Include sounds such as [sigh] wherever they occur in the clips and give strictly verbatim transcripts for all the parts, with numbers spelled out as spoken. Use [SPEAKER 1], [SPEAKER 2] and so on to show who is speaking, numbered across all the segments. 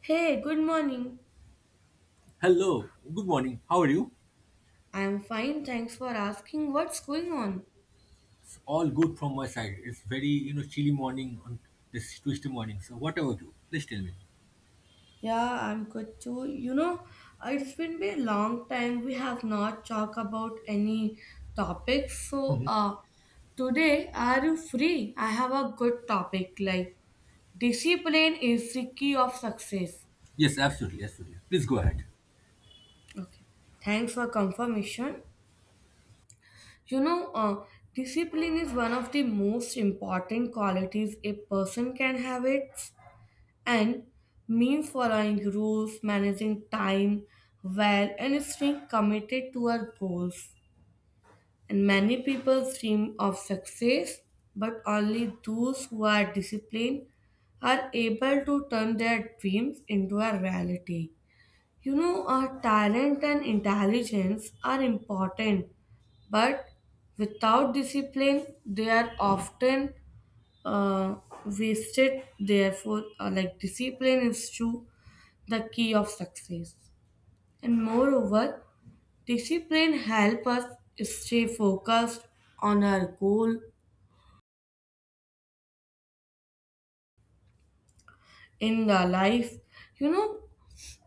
[SPEAKER 1] Hey, good morning.
[SPEAKER 2] Hello, good morning. How are you?
[SPEAKER 1] I'm fine, thanks for asking. What's going on?
[SPEAKER 2] It's all good from my side. It's very, you know, chilly morning on this Tuesday morning. So what about you? Please tell me.
[SPEAKER 1] Yeah, I'm good too. You know, it's been a long time we have not talked about any topics. So,
[SPEAKER 2] Hmm
[SPEAKER 1] uh, today are you free? I have a good topic like discipline is the key of success.
[SPEAKER 2] Yes, absolutely, absolutely. Please go ahead.
[SPEAKER 1] Okay. Thanks for confirmation. You know, uh, Discipline is one of the most important qualities a person can have it. And means following rules, managing time well, and staying committed to our goals. And many people dream of success, but only those who are disciplined are able to turn their dreams into a reality. You know, our talent and intelligence are important, but without discipline they are often uh, wasted. Therefore, uh, like discipline is to the key of success. And moreover, discipline help us stay focused on our goal in the life. You know,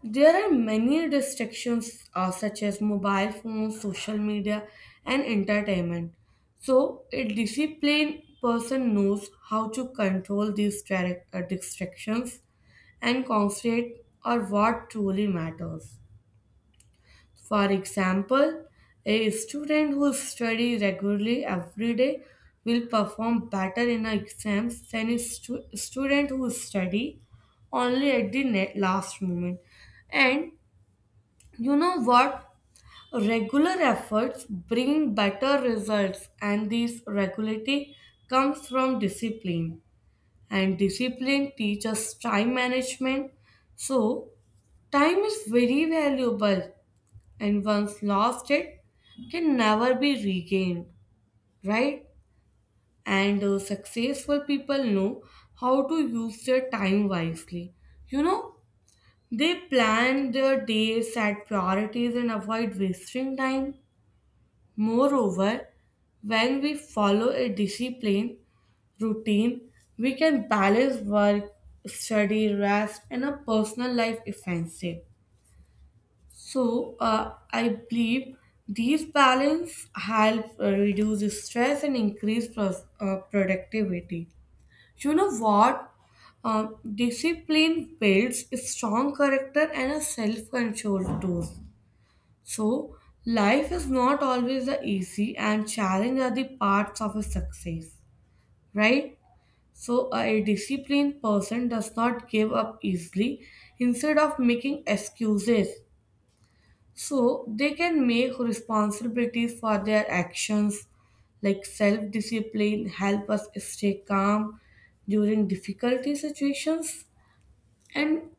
[SPEAKER 1] there are many distractions uh, such as mobile phones, social media, and entertainment. So, a disciplined person knows how to control these direct, uh, distractions and concentrate on what truly matters. For example, a student who studies regularly every day will perform better in exams than a stu- student who study only at the ne- last moment. And you know what? Regular efforts bring better results, and this regularity comes from discipline. And discipline teaches time management. So, time is very valuable, and once lost it can never be regained, right? And uh, successful people know how to use their time wisely. You know, they plan their day, set priorities, and avoid wasting time. Moreover, when we follow a disciplined routine, we can balance work, study, rest, and a personal life effectively. So, uh, I believe these balance help uh, reduce stress and increase pros- uh, productivity. You know what? Um, discipline builds a strong character and a self-control too. So, life is not always the easy and challenge are the parts of a success, right? So, a disciplined person does not give up easily instead of making excuses, so they can make responsibilities for their actions, like self discipline, help us stay calm during difficulty situations, and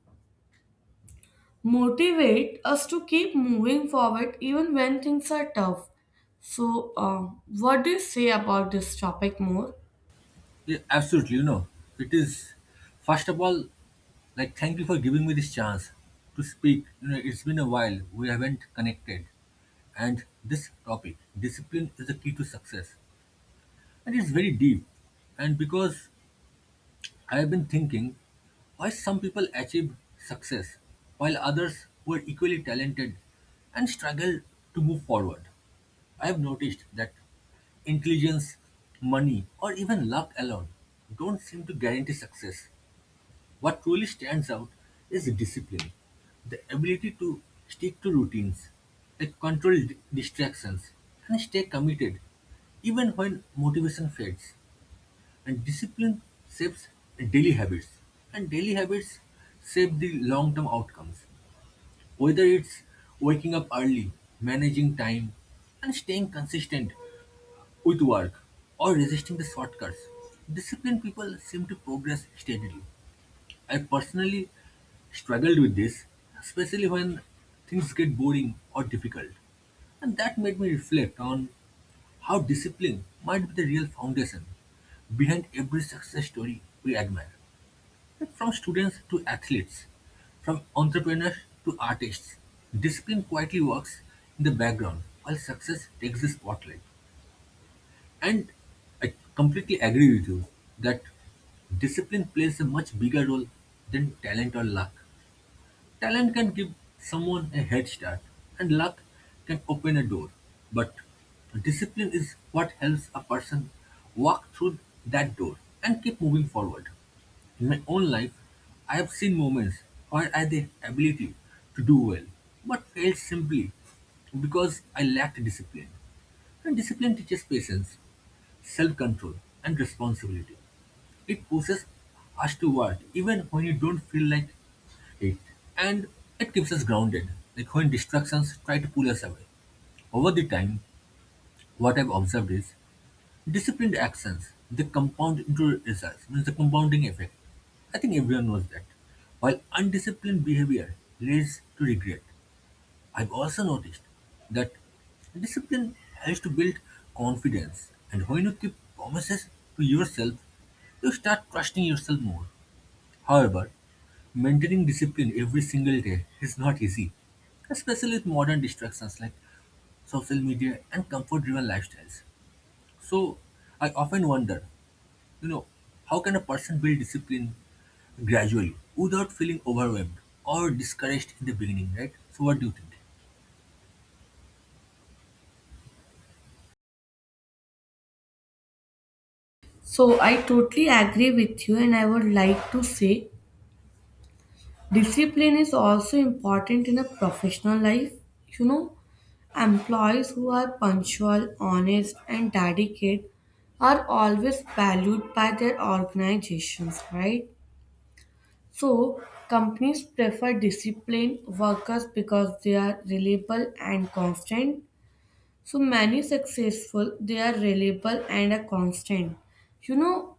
[SPEAKER 1] motivate us to keep moving forward even when things are tough. So, uh, what do you say about this topic more?
[SPEAKER 2] Yeah, absolutely. You know, it is first of all, like thank you for giving me this chance to speak. You know, it's been a while. We haven't connected. And this topic, discipline is the key to success. And it's very deep. And because I've been thinking why some people achieve success while others who are equally talented and struggle to move forward. I've noticed that intelligence, money, or even luck alone don't seem to guarantee success. What truly stands out is discipline, the ability to stick to routines, like control d- distractions, and stay committed even when motivation fades. And discipline shapes daily habits, and daily habits shape the long term outcomes. Whether it's waking up early, managing time, and staying consistent with work, or resisting the shortcuts, disciplined people seem to progress steadily. I personally struggled with this, especially when things get boring or difficult. And that made me reflect on how discipline might be the real foundation behind every success story we admire. Like from students to athletes, from entrepreneurs to artists, discipline quietly works in the background while success takes the spotlight. And I completely agree with you that discipline plays a much bigger role than talent or luck. Talent can give someone a head start, and luck can open a door. But discipline is what helps a person walk through that door and keep moving forward. In my own life, I have seen moments where I had the ability to do well, but failed simply because I lacked discipline. And discipline teaches patience, self control, and responsibility. It pushes us to work even when you don't feel like it. And it keeps us grounded, like when distractions try to pull us away. Over the time, what I've observed is disciplined actions, they compound into results, means the compounding effect. I think everyone knows that. While undisciplined behavior leads to regret, I've also noticed that discipline helps to build confidence. And when you keep promises to yourself, you start trusting yourself more. However, maintaining discipline every single day is not easy, especially with modern distractions like social media and comfort-driven lifestyles. So, I often wonder, you know, how can a person build discipline gradually without feeling overwhelmed or discouraged in the beginning, right? So, what do you think?
[SPEAKER 1] So, I totally agree with you, and I would like to say discipline is also important in a professional life. You know, employees who are punctual, honest, and dedicated are always valued by their organizations, right? So, companies prefer disciplined workers because they are reliable and constant. So, many successful, they are reliable and are constant. You know,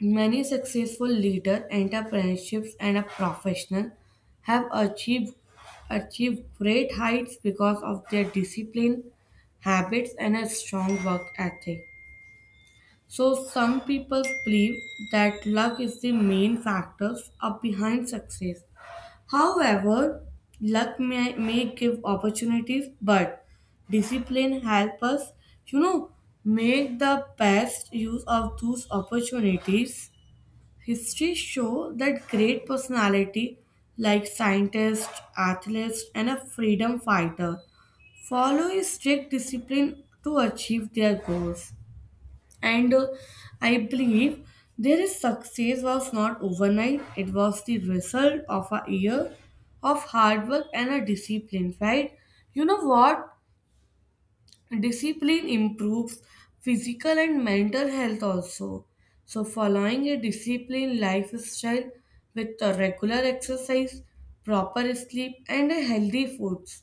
[SPEAKER 1] many successful leaders, entrepreneurs, and professionals have achieved, achieved great heights because of their discipline, habits, and a strong work ethic. So, some people believe that luck is the main factor of behind success. However, luck may, may give opportunities, but discipline help us, you know, make the best use of those opportunities. History show that great personality like scientist, athlete, and a freedom fighter follow a strict discipline to achieve their goals. And uh, I believe their success was not overnight, it was the result of a year of hard work and a discipline, right? You know what? Discipline improves physical and mental health also. So following a disciplined lifestyle with a regular exercise, proper sleep, and a healthy foods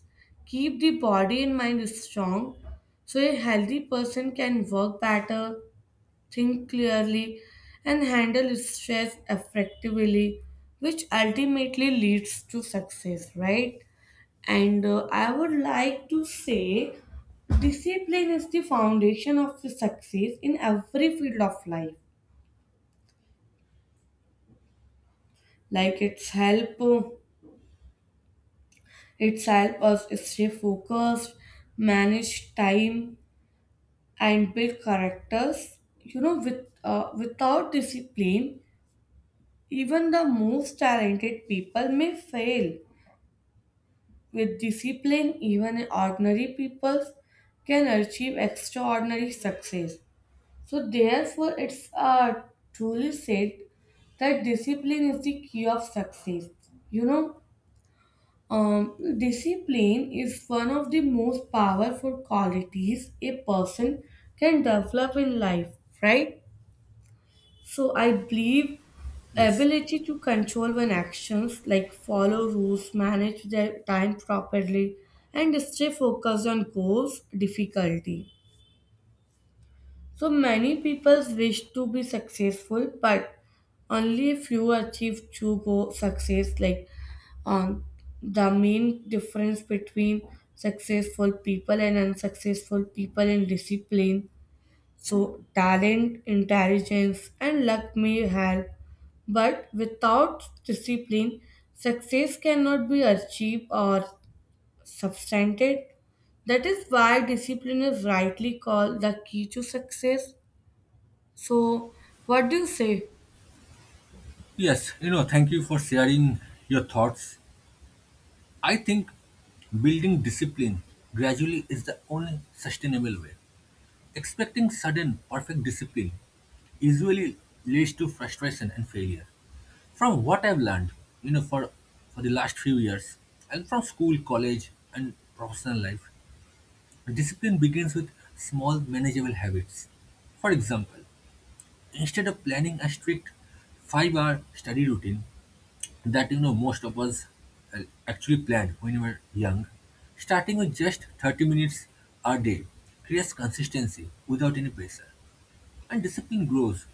[SPEAKER 1] keep the body and mind strong. So a healthy person can work better, think clearly, and handle stress effectively, which ultimately leads to success, right? and uh, I would like to say discipline is the foundation of the success in every field of life. Like it's help uh, it's help us stay focused, manage time, and build characters. You know, with uh, without discipline, even the most talented people may fail. With discipline, even ordinary people can achieve extraordinary success. So, therefore, it's uh, truly said that discipline is the key of success. You know, um, discipline is one of the most powerful qualities a person can develop in life, right? So, I believe
[SPEAKER 2] Yes.
[SPEAKER 1] ability to control one's actions, like follow rules, manage their time properly, and stay focused on goals, difficulty. So many people wish to be successful, but only few achieve true go- success. Like um, the main difference between successful people and unsuccessful people in discipline. So talent, intelligence, and luck may help, but without discipline, success cannot be achieved or substanted. That is why discipline is rightly called the key to success. So, what do you say?
[SPEAKER 2] Yes, you know, thank you for sharing your thoughts. I think building discipline gradually is the only sustainable way. Expecting sudden, perfect discipline usually leads to frustration and failure. From what I've learned, you know, for, for the last few years, and from school, college, and professional life, discipline begins with small, manageable habits. For example, instead of planning a strict five-hour study routine that you know most of us uh, actually planned when we were young, starting with just thirty minutes a day creates consistency without any pressure. And discipline grows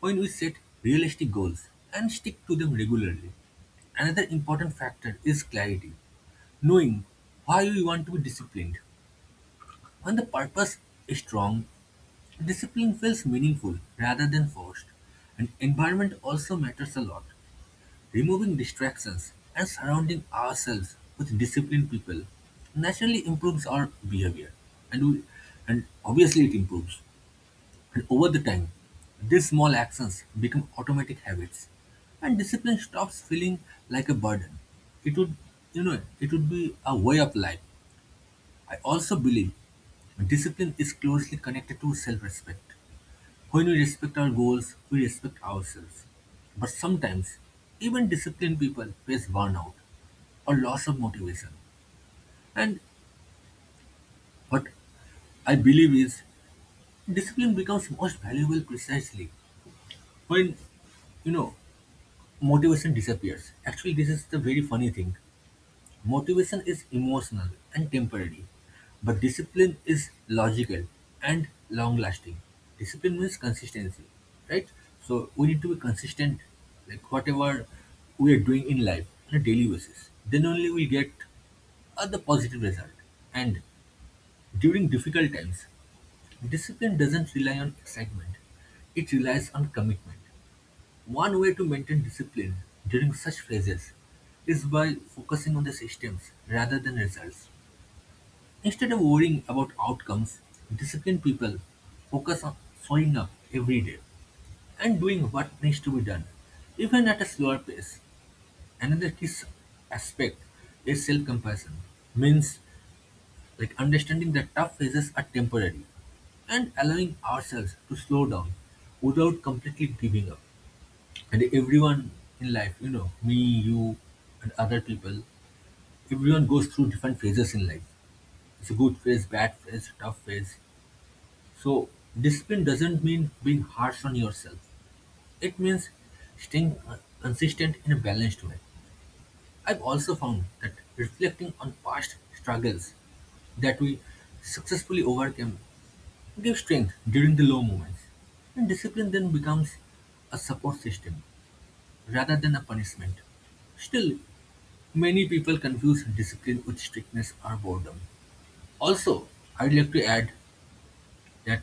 [SPEAKER 2] when we set realistic goals and stick to them regularly. Another important factor is clarity, knowing why we want to be disciplined. When the purpose is strong, discipline feels meaningful rather than forced. And environment also matters a lot. Removing distractions and surrounding ourselves with disciplined people naturally improves our behavior, and we, and obviously it improves. And over the time, these small actions become automatic habits, and discipline stops feeling like a burden. It would, you know, it would be a way of life. I also believe discipline is closely connected to self-respect. When we respect our goals, we respect ourselves. But sometimes, even disciplined people face burnout or loss of motivation. And what I believe is, discipline becomes most valuable precisely when you know motivation disappears. Actually, this is the very funny thing. Motivation is emotional and temporary, but discipline is logical and long lasting. Discipline means consistency, right? So we need to be consistent, like whatever we are doing in life on a daily basis. Then only we'll get uh, the positive result. And during difficult times, discipline doesn't rely on excitement, it relies on commitment. One way to maintain discipline during such phases is by focusing on the systems rather than results. Instead of worrying about outcomes, disciplined people focus on showing up every day and doing what needs to be done, even at a slower pace. Another key s- aspect is self-compassion, means like understanding that tough phases are temporary and allowing ourselves to slow down without completely giving up. And everyone in life, you know, me, you, and other people, everyone goes through different phases in life. It's a good phase, bad phase, tough phase. So discipline doesn't mean being harsh on yourself, it means staying uh, consistent in a balanced way. I've also found that reflecting on past struggles that we successfully overcame gives strength during the low moments, and discipline then becomes a support system rather than a punishment. Still, many people confuse discipline with strictness or boredom. Also, I'd like to add that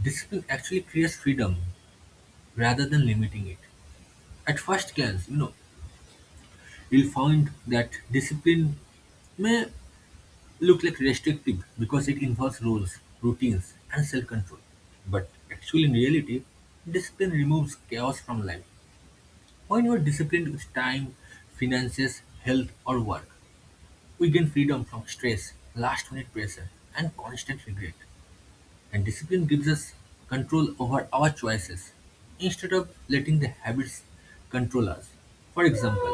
[SPEAKER 2] discipline actually creates freedom rather than limiting it. At first glance, you know, you'll find that discipline may look like restrictive because it involves rules, routines, and self control. But actually, in reality, discipline removes chaos from life. When you are disciplined with time, finances, health, or work, we gain freedom from stress, last-minute pressure, and constant regret. And discipline gives us control over our choices instead of letting the habits control us. For example,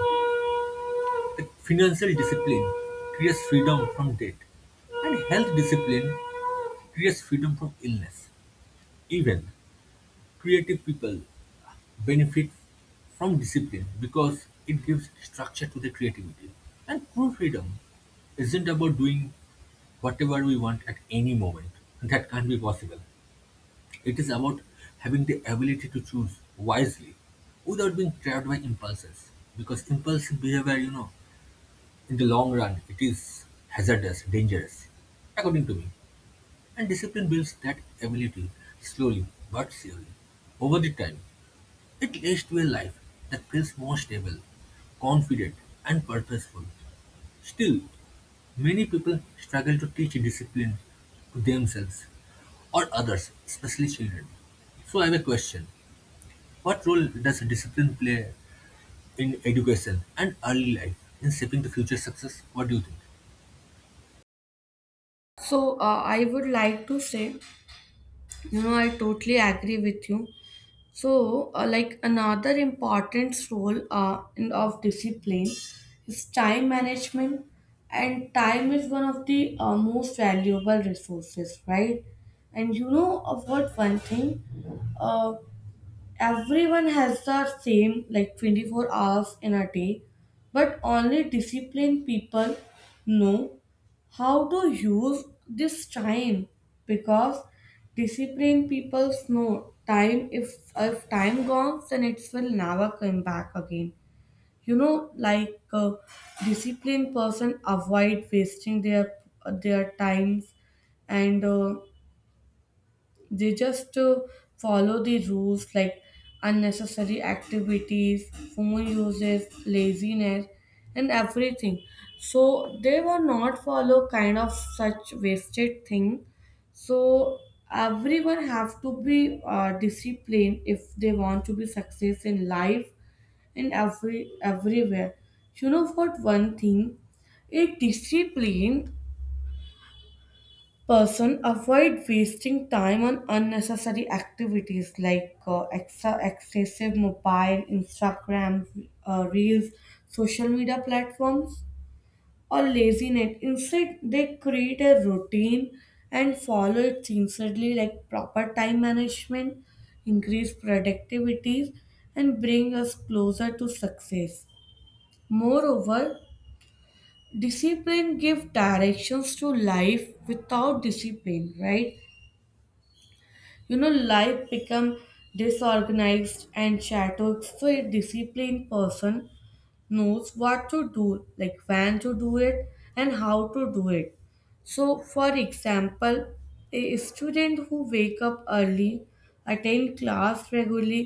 [SPEAKER 2] like financial discipline creates freedom from debt, and health discipline creates freedom from illness. Even creative people benefit from discipline because it gives structure to the creativity. And true freedom isn't about doing whatever we want at any moment. That can't be possible. It is about having the ability to choose wisely without being trapped by impulses. Because impulsive behavior, you know, in the long run, it is hazardous, dangerous, according to me. And discipline builds that ability slowly but surely over the time. It leads to a life that feels more stable, confident, and purposeful. Still, many people struggle to teach discipline to themselves or others, especially children. So, I have a question. What role does discipline play in education and early life in shaping the future success? What do you think?
[SPEAKER 1] So, uh, I would like to say, you know, I totally agree with you. So, uh, like another important role uh, in, of discipline is time management, and time is one of the uh, most valuable resources, right? And you know of what one thing? uh, Everyone has the same like twenty-four hours in a day, but only disciplined people know how to use this time, because disciplined people know time if if time gone then it will never come back again. you know like uh, Disciplined person avoid wasting their their times, and uh, they just uh, follow the rules like unnecessary activities, phone uses, laziness, and everything. So they were not follow kind of such wasted thing. So everyone have to be uh, disciplined if they want to be success in life and every everywhere. You know what? One thing, a discipline person avoid wasting time on unnecessary activities like uh, exa- excessive mobile, Instagram, uh, reels, social media platforms, or laziness. Instead they create a routine and follow it sincerely. Like proper time management increase productivity and bring us closer to success. Moreover, discipline give directions to life. Without discipline, right, you know, life become disorganized and shattered. So a disciplined person knows what to do, like when to do it and how to do it. So for example, a student who wake up early, attend class regularly,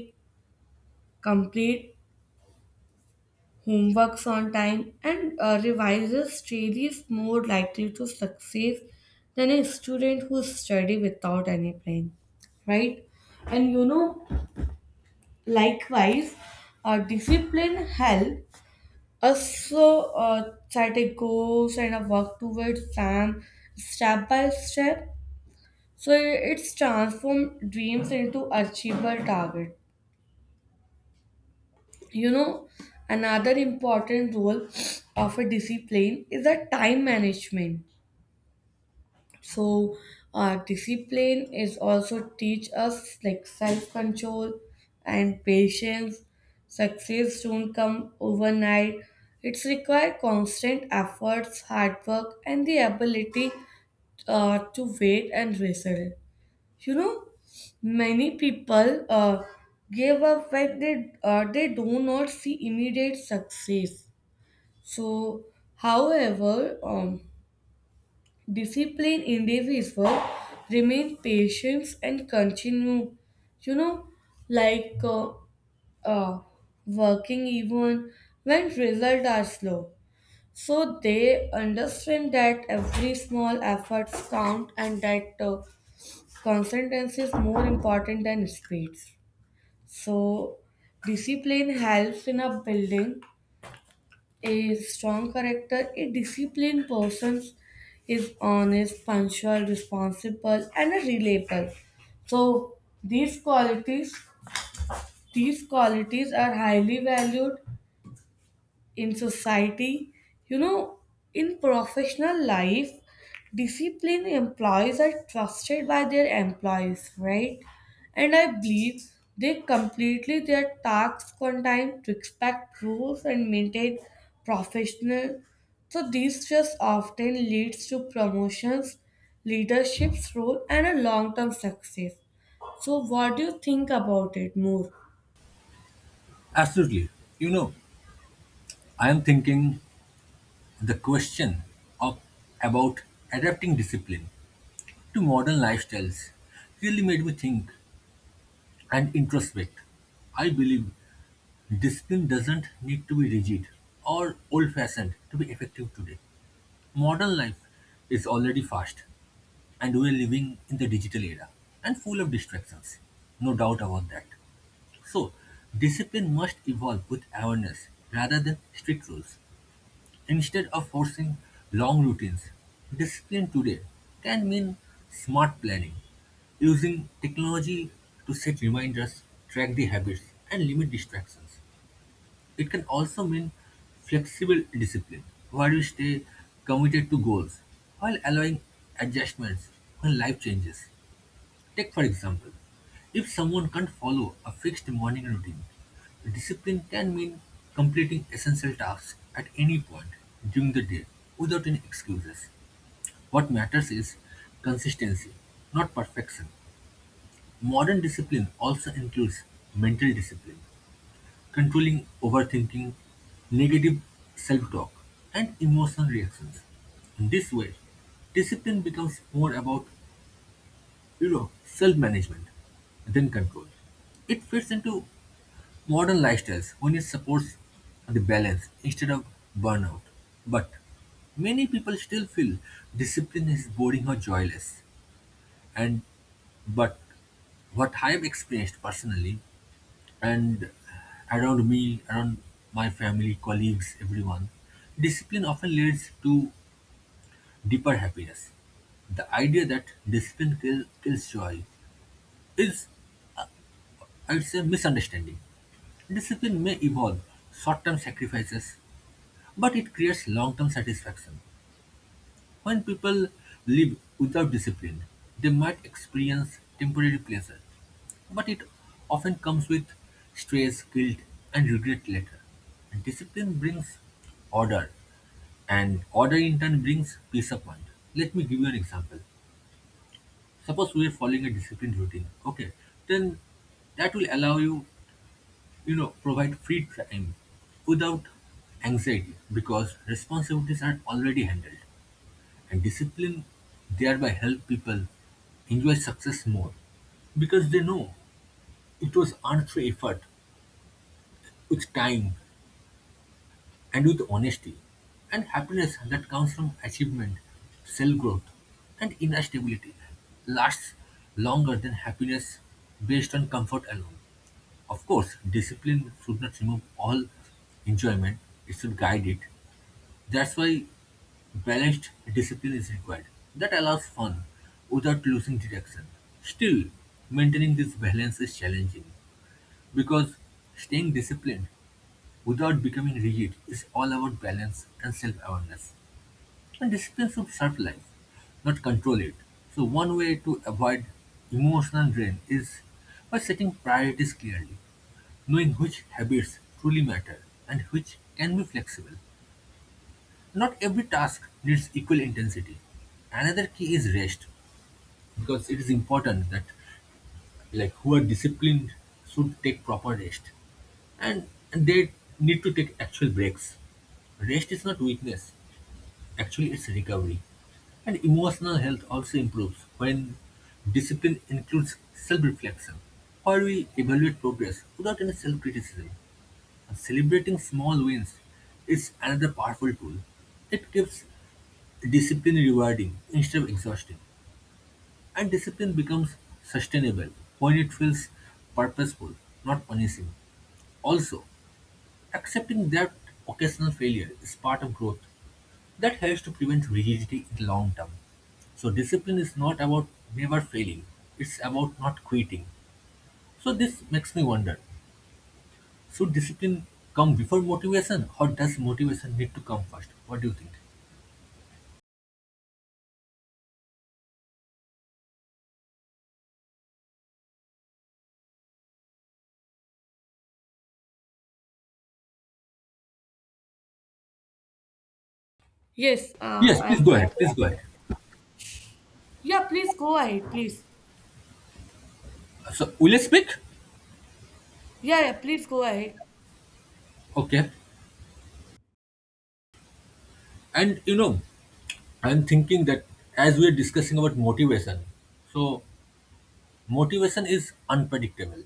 [SPEAKER 1] complete homeworks on time, and uh, revises daily is more likely to succeed than a student who study without any plan, right? And you know, likewise, uh, discipline helps us so, uh, set a goals and a work towards them step by step. So it's transformed dreams into achievable targets. You know, another important role of a discipline is the time management. So uh, discipline is also teach us like self-control and patience. Success don't come overnight, it's require constant efforts, hard work, and the ability uh, to wait and result. You know, many people uh, give up when they uh, they do not see immediate success. So however, um, discipline in this is work, remain patient and continue. You know, like uh, uh, working even when results are slow. So they understand that every small efforts count, and that uh, consistency is more important than speeds. So discipline helps in a building a strong character. A disciplined person is honest, punctual, responsible, and a reliable. So these qualities, these qualities are highly valued in society. You know, in professional life, disciplined employees are trusted by their employees, right? And I believe they completely their tasks on time to respect rules and maintain professional. So this just often leads to promotions, leadership's role, and a long-term success. So what do you think about it more?
[SPEAKER 2] Absolutely. You know, I am thinking the question of about adapting discipline to modern lifestyles really made me think and introspect. I believe discipline doesn't need to be rigid or old fashioned to be effective today. Modern life is already fast, and we are living in the digital era and full of distractions. No doubt about that. So, discipline must evolve with awareness rather than strict rules. Instead of forcing long routines, discipline today can mean smart planning, using technology to set reminders, track the habits, and limit distractions. It can also mean flexible discipline, where you stay committed to goals while allowing adjustments when life changes. Take, for example, if someone can't follow a fixed morning routine, discipline can mean completing essential tasks at any point during the day without any excuses. What matters is consistency, not perfection. Modern discipline also includes mental discipline, controlling overthinking, negative self talk, and emotional reactions. In this way, discipline becomes more about, you know, self-management, then control. It fits into modern lifestyles when it supports the balance instead of burnout. But many people still feel discipline is boring or joyless. And but what I've experienced personally and around me, around my family, colleagues, everyone, discipline often leads to deeper happiness. The idea that discipline kill, kills joy is, I would say, misunderstanding. Discipline may evolve short term sacrifices, but it creates long term satisfaction. When people live without discipline, they might experience temporary pleasure, but it often comes with stress, guilt, and regret later. And discipline brings order, and order in turn brings peace of mind. Let me give you an example. Suppose we are following a disciplined routine, okay? Then that will allow you, you know, provide free time without anxiety because responsibilities are already handled, and discipline thereby help people enjoy success more because they know it was earned through effort, with time and with honesty, and happiness that comes from achievement, self growth, and inner stability lasts longer than happiness based on comfort alone. Of course, discipline should not remove all enjoyment, it should guide it. That's why balanced discipline is required. That allows fun without losing direction. Still, maintaining this balance is challenging because staying disciplined without becoming rigid is all about balance and self awareness. And discipline should serve life, not control it. So, one way to avoid emotional drain is by setting priorities clearly, knowing which habits truly matter and which can be flexible. Not every task needs equal intensity. Another key is rest, because it is important that, like, who are disciplined should take proper rest, and, and they need to take actual breaks. Rest is not weakness, actually it's recovery. And emotional health also improves when discipline includes self reflection, where we evaluate progress without any self criticism. Celebrating small wins is another powerful tool. It keeps discipline rewarding instead of exhausting. And discipline becomes sustainable when it feels purposeful, not punishing. Also, accepting that occasional failure is part of growth. That helps to prevent rigidity in the long term. So discipline is not about never failing, it's about not quitting. So this makes me wonder, should discipline come before motivation, or does motivation need to come first? What do you think?
[SPEAKER 1] Yes, uh,
[SPEAKER 2] Yes, please
[SPEAKER 1] I'm
[SPEAKER 2] go ahead.
[SPEAKER 1] agree
[SPEAKER 2] Please go
[SPEAKER 1] with.
[SPEAKER 2] ahead.
[SPEAKER 1] Yeah, please go ahead, please.
[SPEAKER 2] So, will you speak?
[SPEAKER 1] Yeah, yeah, please go ahead.
[SPEAKER 2] Okay. And you know, I'm thinking that as we're discussing about motivation, so motivation is unpredictable.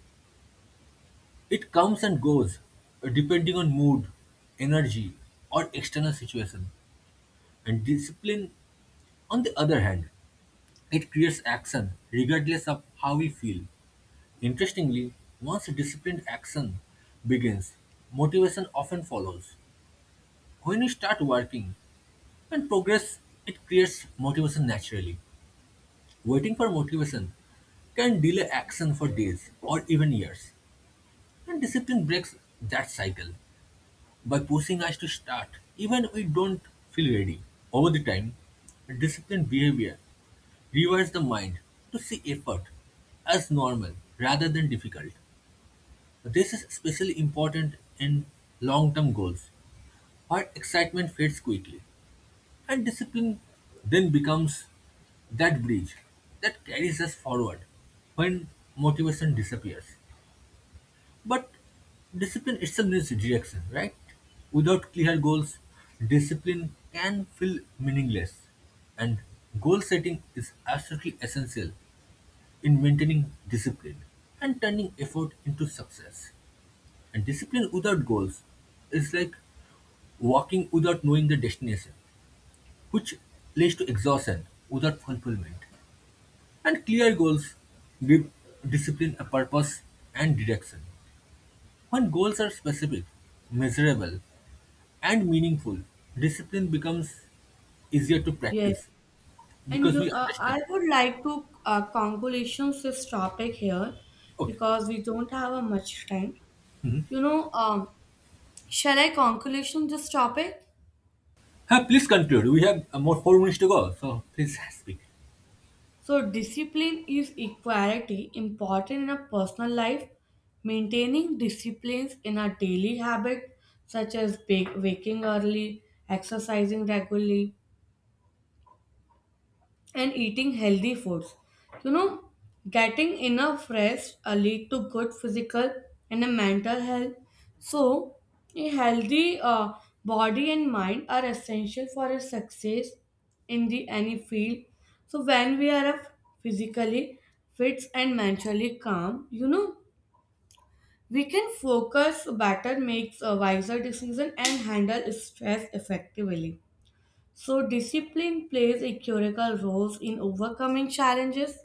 [SPEAKER 2] It comes and goes uh, depending on mood, energy, or external situation. And discipline, on the other hand, it creates action regardless of how we feel. Interestingly, once disciplined action begins, motivation often follows. When you start working and progress, it creates motivation naturally. Waiting for motivation can delay action for days or even years. And discipline breaks that cycle by pushing us to start even when we don't feel ready. Over the time, disciplined behavior rewires the mind to see effort as normal rather than difficult. This is especially important in long term goals, where excitement fades quickly, and discipline then becomes that bridge that carries us forward when motivation disappears. But discipline itself needs direction, right? Without clear goals, discipline can feel meaningless, and goal setting is absolutely essential in maintaining discipline and turning effort into success. And discipline without goals is like walking without knowing the destination, which leads to exhaustion without fulfillment. And clear goals give discipline a purpose and direction. When goals are specific, measurable, and meaningful, discipline becomes easier to
[SPEAKER 1] Yes,
[SPEAKER 2] practice
[SPEAKER 1] and
[SPEAKER 2] because
[SPEAKER 1] you,
[SPEAKER 2] we
[SPEAKER 1] uh, I
[SPEAKER 2] understand.
[SPEAKER 1] would like to uh, conclude this topic here
[SPEAKER 2] Okay.
[SPEAKER 1] because we don't have a much time.
[SPEAKER 2] Mhm.
[SPEAKER 1] You know, um, shall I conclusion this topic?
[SPEAKER 2] Huh, please conclude. We have uh, more four minutes to go, so please [laughs] speak.
[SPEAKER 1] So, discipline is equality important in a personal life. Maintaining disciplines in a daily habit, such as bake, waking early, exercising regularly, and eating healthy foods. You know, getting enough rest uh, lead to good physical and a mental health. So, a healthy uh, body and mind are essential for a success in the any field. So, when we are f- physically fit and mentally calm, you know, we can focus better, makes a wiser decision, and handle stress effectively. So, discipline plays a critical role in overcoming challenges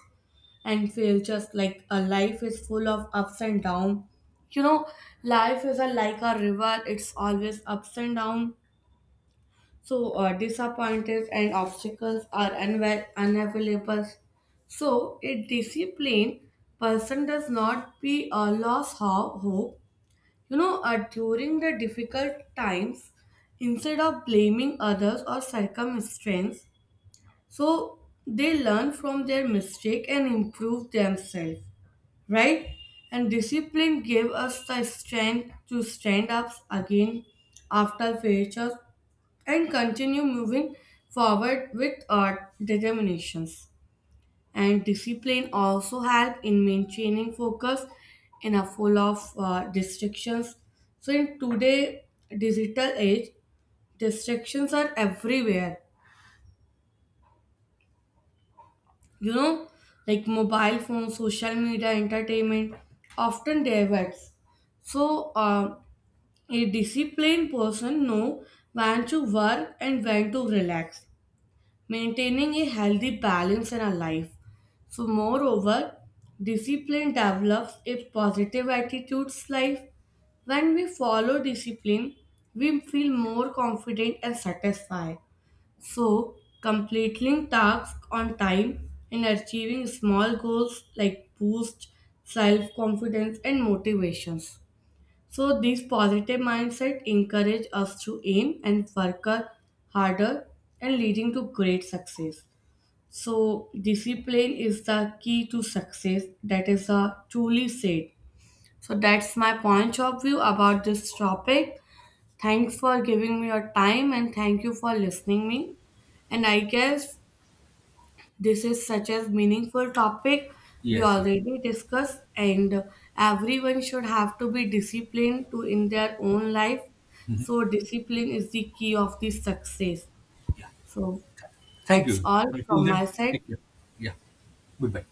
[SPEAKER 1] and fail just like a life is full of ups and downs. You know, life is a, like a river, it's always ups and downs. So, uh, disappointments and obstacles are unwa- unavailable. So, a disciplined person does not be a lost ho- hope. You know, uh, during the difficult times, instead of blaming others or circumstance, so they learn from their mistake and improve themselves, right? And discipline gave us the strength to stand up again after failures and continue moving forward with our determinations. And discipline also help in maintaining focus in a full of uh, distractions. So in today digital age, distractions are everywhere. You know, like mobile phones, social media, entertainment often diverts. So, uh, a disciplined person know when to work and when to relax, maintaining a healthy balance in our life. So, moreover, discipline develops a positive attitudes life. When we follow discipline, we feel more confident and satisfied. So, completing tasks on time and achieving small goals like boost self confidence and motivations. So, this positive mindset encourage us to aim and work ha- harder and leading to great success. So, discipline is the key to success. That is a truly said. So, that's my point of view about this topic. Thanks for giving me your time and thank you for listening me. And I guess this is such a meaningful topic we
[SPEAKER 2] Yes, yes.
[SPEAKER 1] already discussed and everyone should have to be disciplined to in their own life. So discipline is the key of the success.
[SPEAKER 2] Yeah.
[SPEAKER 1] So
[SPEAKER 2] Thank
[SPEAKER 1] that's
[SPEAKER 2] you.
[SPEAKER 1] all
[SPEAKER 2] Until
[SPEAKER 1] from my
[SPEAKER 2] then,
[SPEAKER 1] side.
[SPEAKER 2] take care. Yeah. Goodbye.